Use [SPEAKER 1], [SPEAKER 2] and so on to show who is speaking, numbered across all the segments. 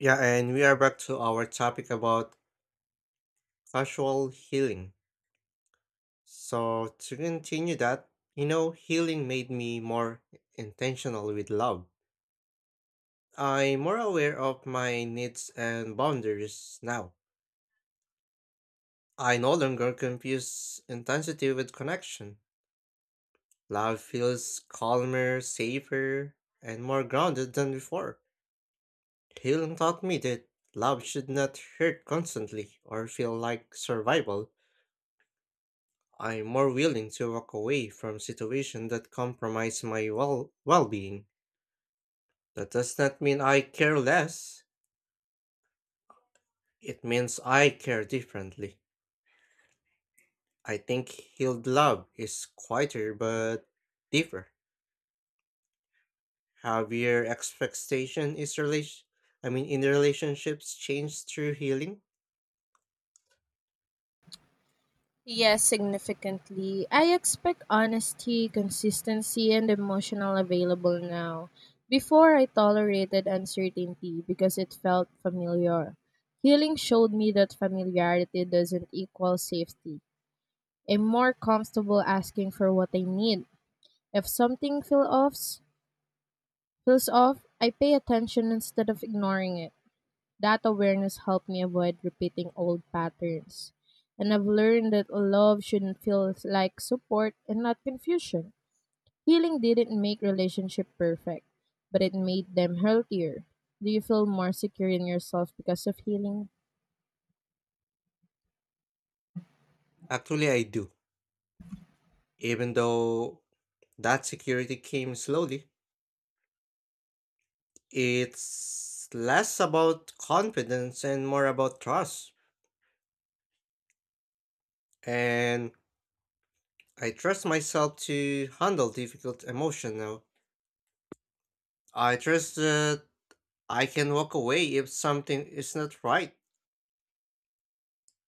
[SPEAKER 1] Yeah, and we are back to our topic about casual healing. So, to continue that, you know, healing made me more intentional with love. I'm more aware of my needs and boundaries now. I no longer confuse intensity with connection. Love feels calmer, safer, and more grounded than before. Healing taught me that love should not hurt constantly or feel like survival. I'm more willing to walk away from situations that compromise my well-being. That does not mean I care less. It means I care differently. I think healed love is quieter but deeper. Have your expectation is relation I mean in relationships changed through healing?
[SPEAKER 2] Yes, significantly. I expect honesty, consistency, and emotional available now. Before, I tolerated uncertainty because it felt familiar. Healing showed me that familiarity doesn't equal safety. I'm more comfortable asking for what I need. If something feel off, feels off, I pay attention instead of ignoring it. That awareness helped me avoid repeating old patterns. And I've learned that love shouldn't feel like support and not confusion. Healing didn't make relationship perfect, but it made them healthier. Do you feel more secure in yourself because of healing?
[SPEAKER 1] Actually I do. Even though that security came slowly, it's less about confidence and more about trust. And I trust myself to handle difficult emotion now. I trust that I can walk away if something is not right.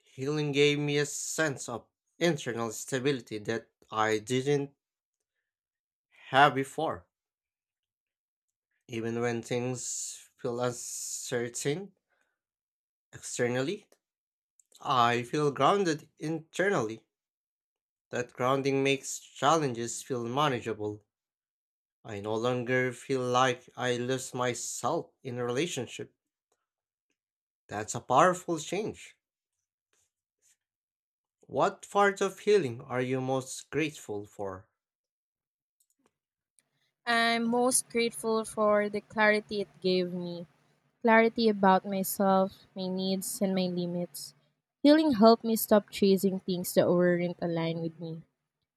[SPEAKER 1] Healing gave me a sense of internal stability that I didn't have before. Even when things feel uncertain externally, I feel grounded internally. That grounding makes challenges feel manageable. I no longer feel like I lose myself in a relationship. That's a powerful change. What part of healing are you most grateful for?
[SPEAKER 2] I'm most grateful for the clarity it gave me. Clarity about myself, my needs, and my limits. Healing helped me stop chasing things that weren't aligned with me.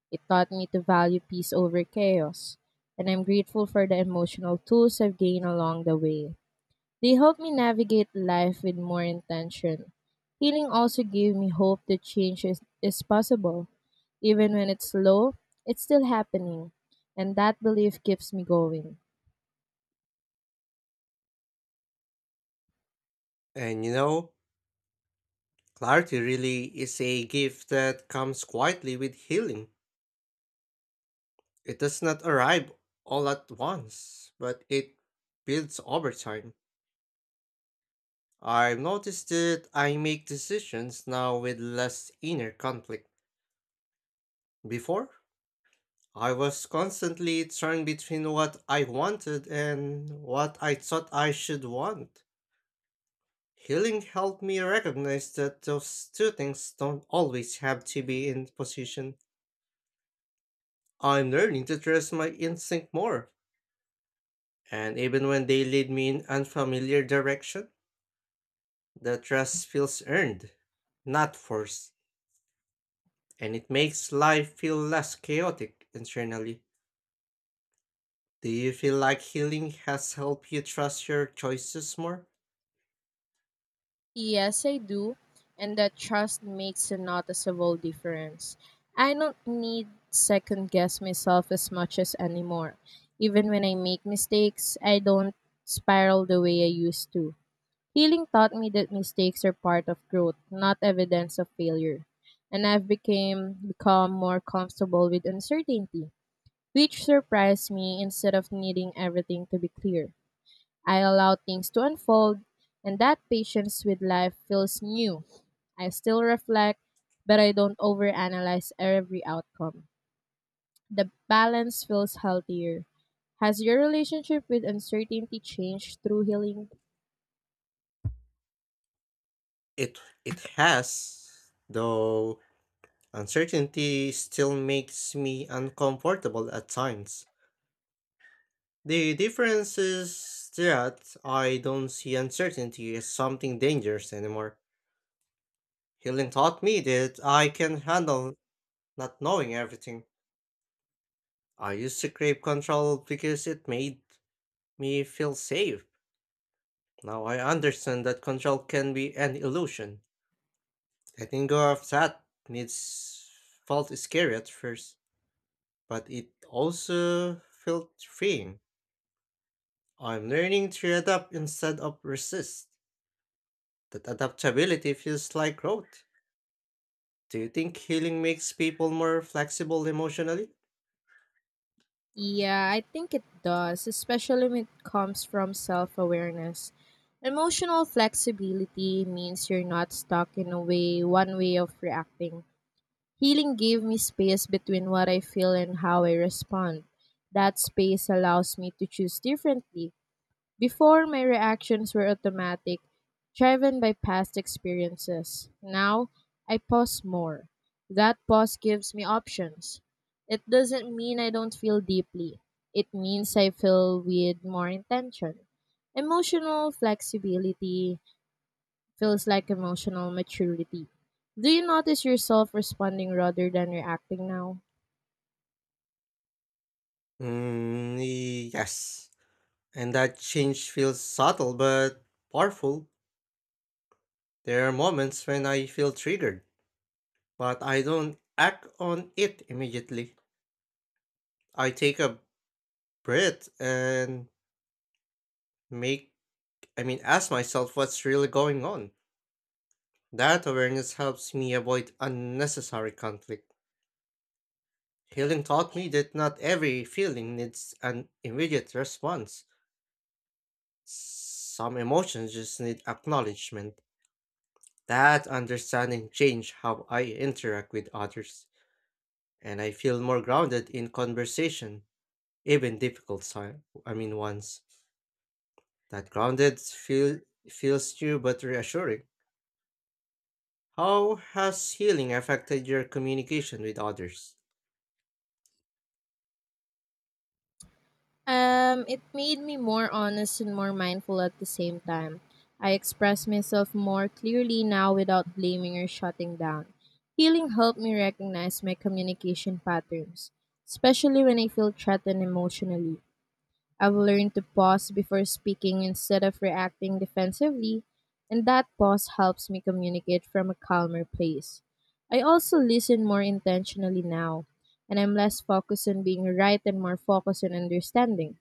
[SPEAKER 2] It taught me to value peace over chaos, and I'm grateful for the emotional tools I've gained along the way. They helped me navigate life with more intention. Healing also gave me hope that change is possible. Even when it's slow, it's still happening, and that belief keeps me going.
[SPEAKER 1] And you know, clarity really is a gift that comes quietly with healing. It does not arrive all at once, but it builds over time. I've noticed that I make decisions now with less inner conflict. Before, I was constantly torn between what I wanted and what I thought I should want. Healing helped me recognize that those two things don't always have to be in position. I'm learning to trust my instinct more, and even when they lead me in unfamiliar direction, the trust feels earned, not forced, and it makes life feel less chaotic internally. Do you feel like healing has helped you trust your choices more?
[SPEAKER 2] Yes, I do. And that trust makes a noticeable difference. I don't need second guess myself as much as anymore. Even when I make mistakes, I don't spiral the way I used to. Healing taught me that mistakes are part of growth, not evidence of failure. And I've became become more comfortable with uncertainty, which surprised me instead of needing everything to be clear. I allow things to unfold, and that patience with life feels new. I still reflect, but I don't overanalyze every outcome. The balance feels healthier. Has your relationship with uncertainty changed through healing?
[SPEAKER 1] It it has, though uncertainty still makes me uncomfortable at times. The difference is that I don't see uncertainty as something dangerous anymore. Healing taught me that I can handle not knowing everything. I used to crave control because it made me feel safe. Now I understand that control can be an illusion. Letting go of that needs felt scary at first, but it also felt freeing. I'm learning to adapt instead of resist. That adaptability feels like growth. Do you think healing makes people more flexible emotionally?
[SPEAKER 2] Yeah, I think it does, especially when it comes from self awareness. Emotional flexibility means you're not stuck in a way, one way of reacting. Healing gave me space between what I feel and how I respond. That space allows me to choose differently. Before, my reactions were automatic, driven by past experiences. Now, I pause more. That pause gives me options. It doesn't mean I don't feel deeply, it means I feel with more intention. Emotional flexibility feels like emotional maturity. Do you notice yourself responding rather than reacting now?
[SPEAKER 1] Mm, yes. And that change feels subtle but powerful. There are moments when I feel triggered, but I don't act on it immediately. I take a breath and make, ask myself what's really going on. That awareness helps me avoid unnecessary conflict. Healing taught me that not every feeling needs an immediate response. Some emotions just need acknowledgement. That understanding changed how I interact with others, and I feel more grounded in conversation, even difficult time, I mean ones. That grounded feel feels new but reassuring. How has healing affected your communication with others?
[SPEAKER 2] It made me more honest and more mindful at the same time. I express myself more clearly now without blaming or shutting down. Healing helped me recognize my communication patterns, especially when I feel threatened emotionally. I've learned to pause before speaking instead of reacting defensively, and that pause helps me communicate from a calmer place. I also listen more intentionally now, and I'm less focused on being right and more focused on understanding.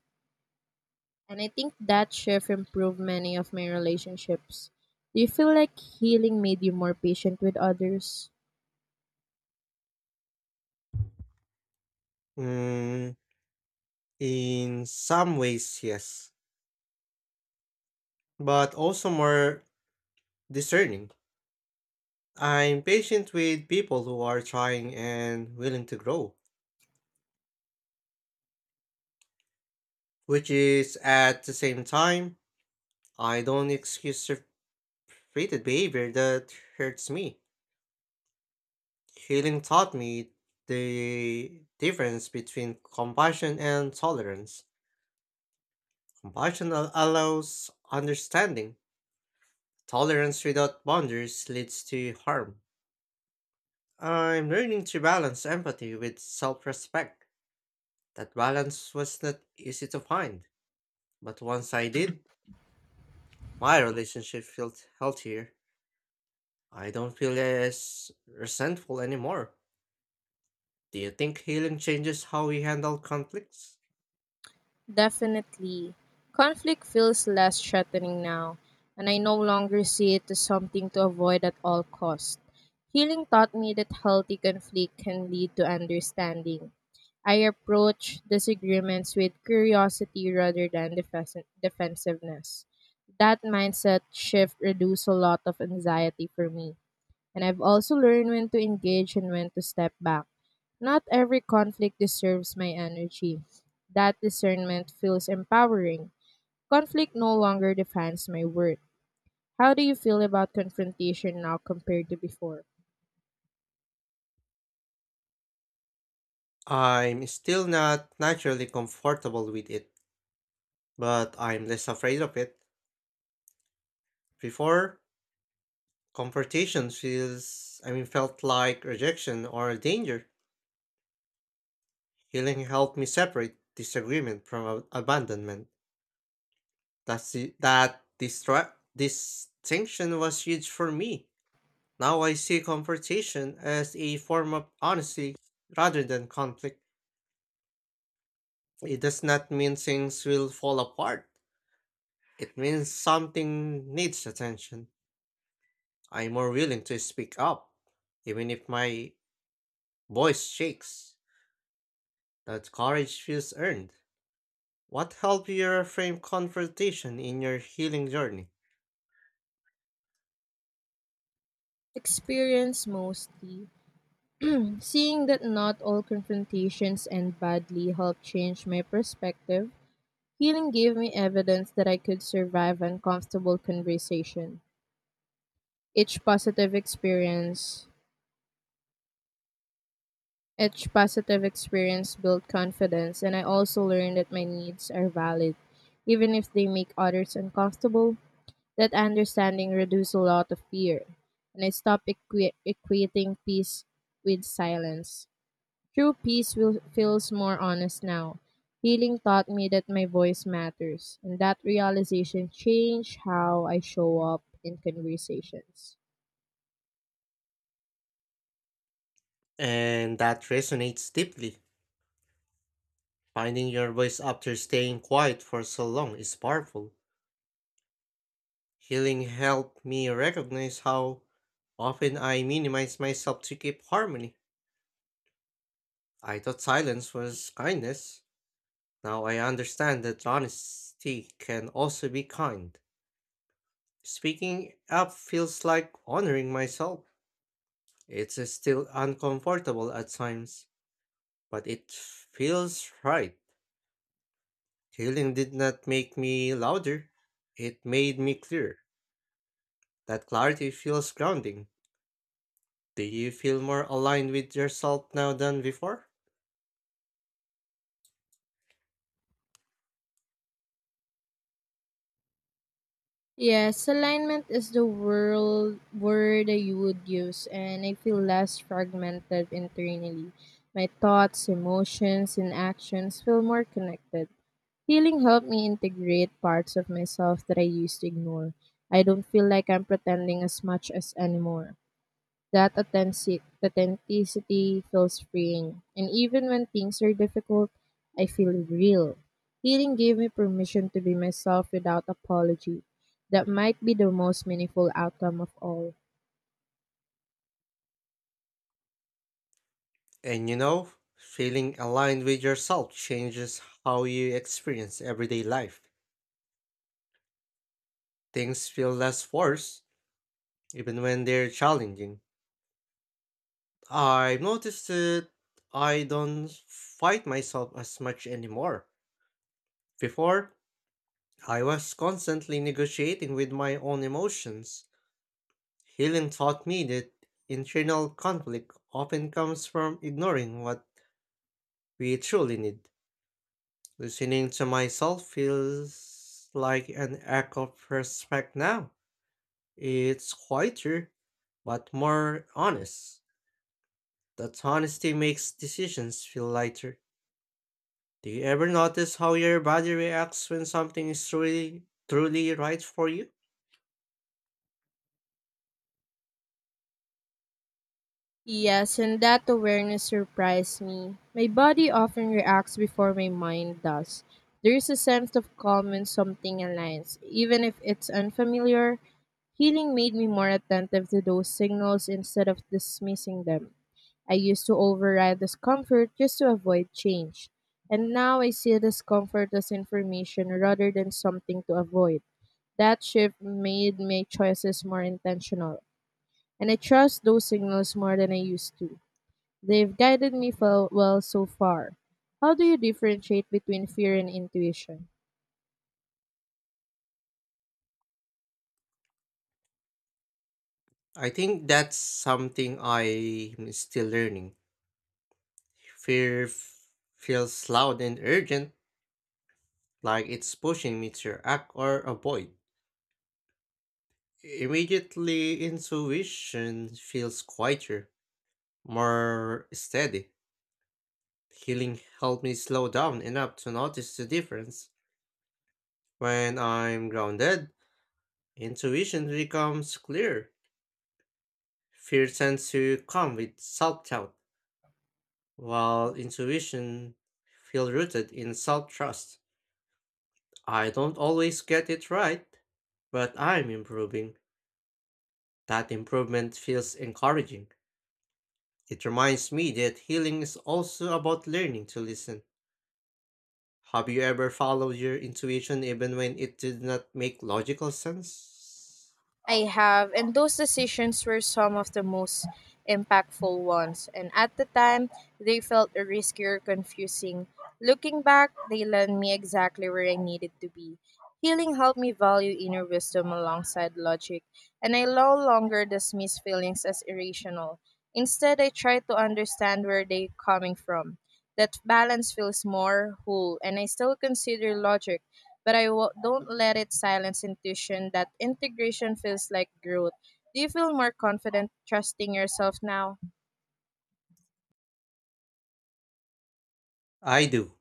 [SPEAKER 2] And I think that shift improved many of my relationships. Do you feel like healing made you more patient with others?
[SPEAKER 1] Mm, in some ways, yes, but also more discerning. I'm patient with people who are trying and willing to grow, which is at the same time, I don't excuse repeated behavior that hurts me. Healing taught me the difference between compassion and tolerance. Allows understanding, tolerance without boundaries leads to harm. I'm learning to balance empathy with self respect. That balance was not easy to find, but once I did, my relationship feels healthier. I don't feel as resentful anymore. Do you think healing changes how we handle conflicts?
[SPEAKER 2] Definitely. Conflict feels less threatening now, and I no longer see it as something to avoid at all cost. Healing taught me that healthy conflict can lead to understanding. I approach disagreements with curiosity rather than defensiveness. That mindset shift reduced a lot of anxiety for me. And I've also learned when to engage and when to step back. Not every conflict deserves my energy. That discernment feels empowering. Conflict no longer defines my worth. How do you feel about confrontation now compared to before?
[SPEAKER 1] I'm still not naturally comfortable with it, but I'm less afraid of it. Before, confrontation feels, I mean, felt like rejection or a danger. Healing helped me separate disagreement from abandonment. That's the, that distra- distinction was huge for me. Now I see confrontation as a form of honesty rather than conflict. It does not mean things will fall apart. It means something needs attention. I'm more willing to speak up, even if my voice shakes. That courage feels earned. What helped you reframe confrontation in your healing journey?
[SPEAKER 2] Experience mostly. Seeing that not all confrontations end badly helped change my perspective. Healing gave me evidence that I could survive uncomfortable conversation. Each positive experience Each positive experience built confidence, and I also learned that my needs are valid, even if they make others uncomfortable. That understanding reduced a lot of fear, and I stopped equating peace with silence. Feels more honest now. Healing taught me that my voice matters, and that realization changed how I show up in conversations.
[SPEAKER 1] And that resonates deeply. Finding your voice after staying quiet for so long is powerful. Healing helped me recognize how often I minimize myself to keep harmony. I thought silence was kindness. Now I understand that honesty can also be kind. Speaking up feels like honoring myself. It's still uncomfortable at times, but it feels right. Healing did not make me louder, it made me clear. That clarity feels grounding. Do you feel more aligned with yourself now than before?
[SPEAKER 2] Yes, alignment is the world word that you would use, and I feel less fragmented internally. My thoughts, emotions, and actions feel more connected. Healing helped me integrate parts of myself that I used to ignore. I don't feel like I'm pretending as much as anymore. Authenticity feels freeing. And even when things are difficult, I feel real. Healing gave me permission to be myself without apology. That might be the most meaningful outcome of all.
[SPEAKER 1] And you know, feeling aligned with yourself changes how you experience everyday life. Things feel less forced, even when they're challenging. I've noticed that I don't fight myself as much anymore. Before, I was constantly negotiating with my own emotions. Healing taught me that internal conflict often comes from ignoring what we truly need. Listening to myself feels like an act of respect now. It's quieter, but more honest. That honesty makes decisions feel lighter. Do you ever notice how your body reacts when something is truly, truly right for you?
[SPEAKER 2] Yes, and that awareness surprised me. My body often reacts before my mind does. There is a sense of calm when something aligns, even if it's unfamiliar. Healing made me more attentive to those signals instead of dismissing them. I used to override discomfort just to avoid change. And now I see discomfort as information rather than something to avoid. That shift made my choices more intentional and I trust those signals more than I used to. They've guided me well so far. How do you differentiate between fear and intuition?
[SPEAKER 1] I think that's something I'm still learning. Fear f- feels loud and urgent, like it's pushing me to act or avoid. Immediately, intuition feels quieter, more steady. Healing helped me slow down enough to notice the difference. When I'm grounded, intuition becomes clear. Fear tends to come with self doubt, while intuition feels rooted in self trust. I don't always get it right, but I'm improving. That improvement feels encouraging. It reminds me that healing is also about learning to listen. Have you ever followed your intuition even when it did not make logical sense?
[SPEAKER 2] I have, and those decisions were some of the most impactful ones. And at the time, they felt riskier, confusing. Looking back, they led me exactly where I needed to be. Healing helped me value inner wisdom alongside logic, and I no longer dismiss feelings as irrational. Instead, I try to understand where they're coming from. That balance feels more whole, and I still consider logic but don't let it silence intuition that integration feels like growth. Do you feel more confident trusting yourself now?
[SPEAKER 1] I do,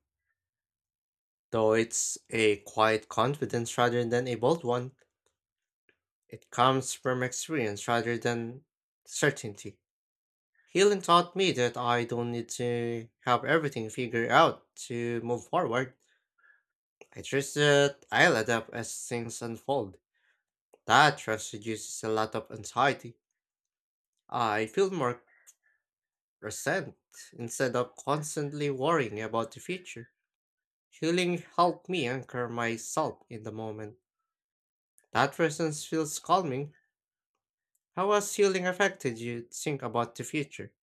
[SPEAKER 1] though it's a quiet confidence rather than a bold one. It comes from experience rather than certainty. Healing taught me that I don't need to have everything figured out to move forward. I trust that I'll adapt as things unfold. That trust reduces a lot of anxiety. I feel more present instead of constantly worrying about the future. Healing helped me anchor myself in the moment. That presence feels calming. How has healing affected you think about the future?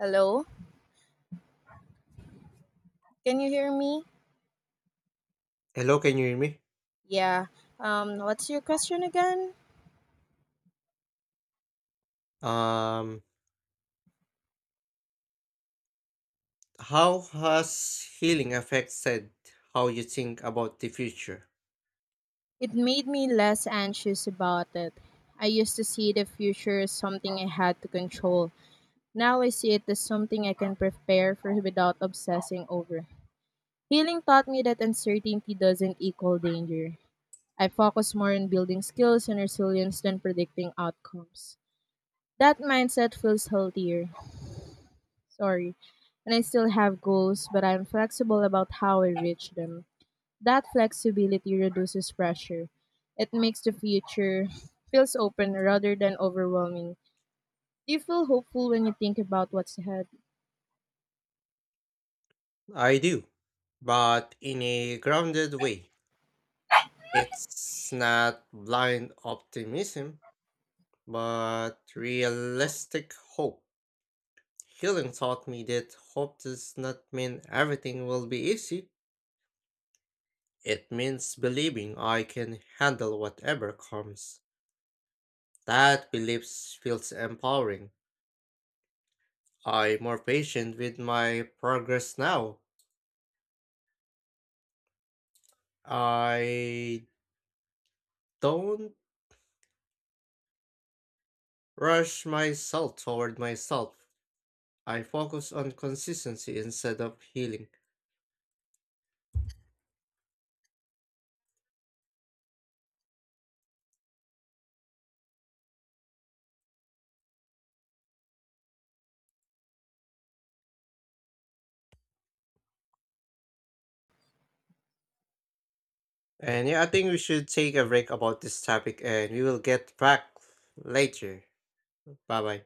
[SPEAKER 2] Hello? Can you hear me?
[SPEAKER 1] Hello, can you hear me?
[SPEAKER 2] Yeah. What's your question again?
[SPEAKER 1] Um, how has healing affected how you think about the future?
[SPEAKER 2] It made me less anxious about it. I used to see the future as something I had to control. Now I see it as something I can prepare for without obsessing over. Healing taught me that uncertainty doesn't equal danger. I focus more on building skills and resilience than predicting outcomes. That mindset feels healthier. Sorry. And I still have goals, but I'm flexible about how I reach them. That flexibility reduces pressure. It makes the future feels open rather than overwhelming. Do you feel hopeful when you think about what's ahead?
[SPEAKER 1] I do, but in a grounded way. It's not blind optimism. But realistic hope. Healing taught me that hope does not mean everything will be easy. It means believing I can handle whatever comes. That belief feels empowering. I'm more patient with my progress now. I don't rush myself toward myself. I focus on consistency instead of healing. And yeah, I think we should take a break about this topic and we will get back later. Bye bye.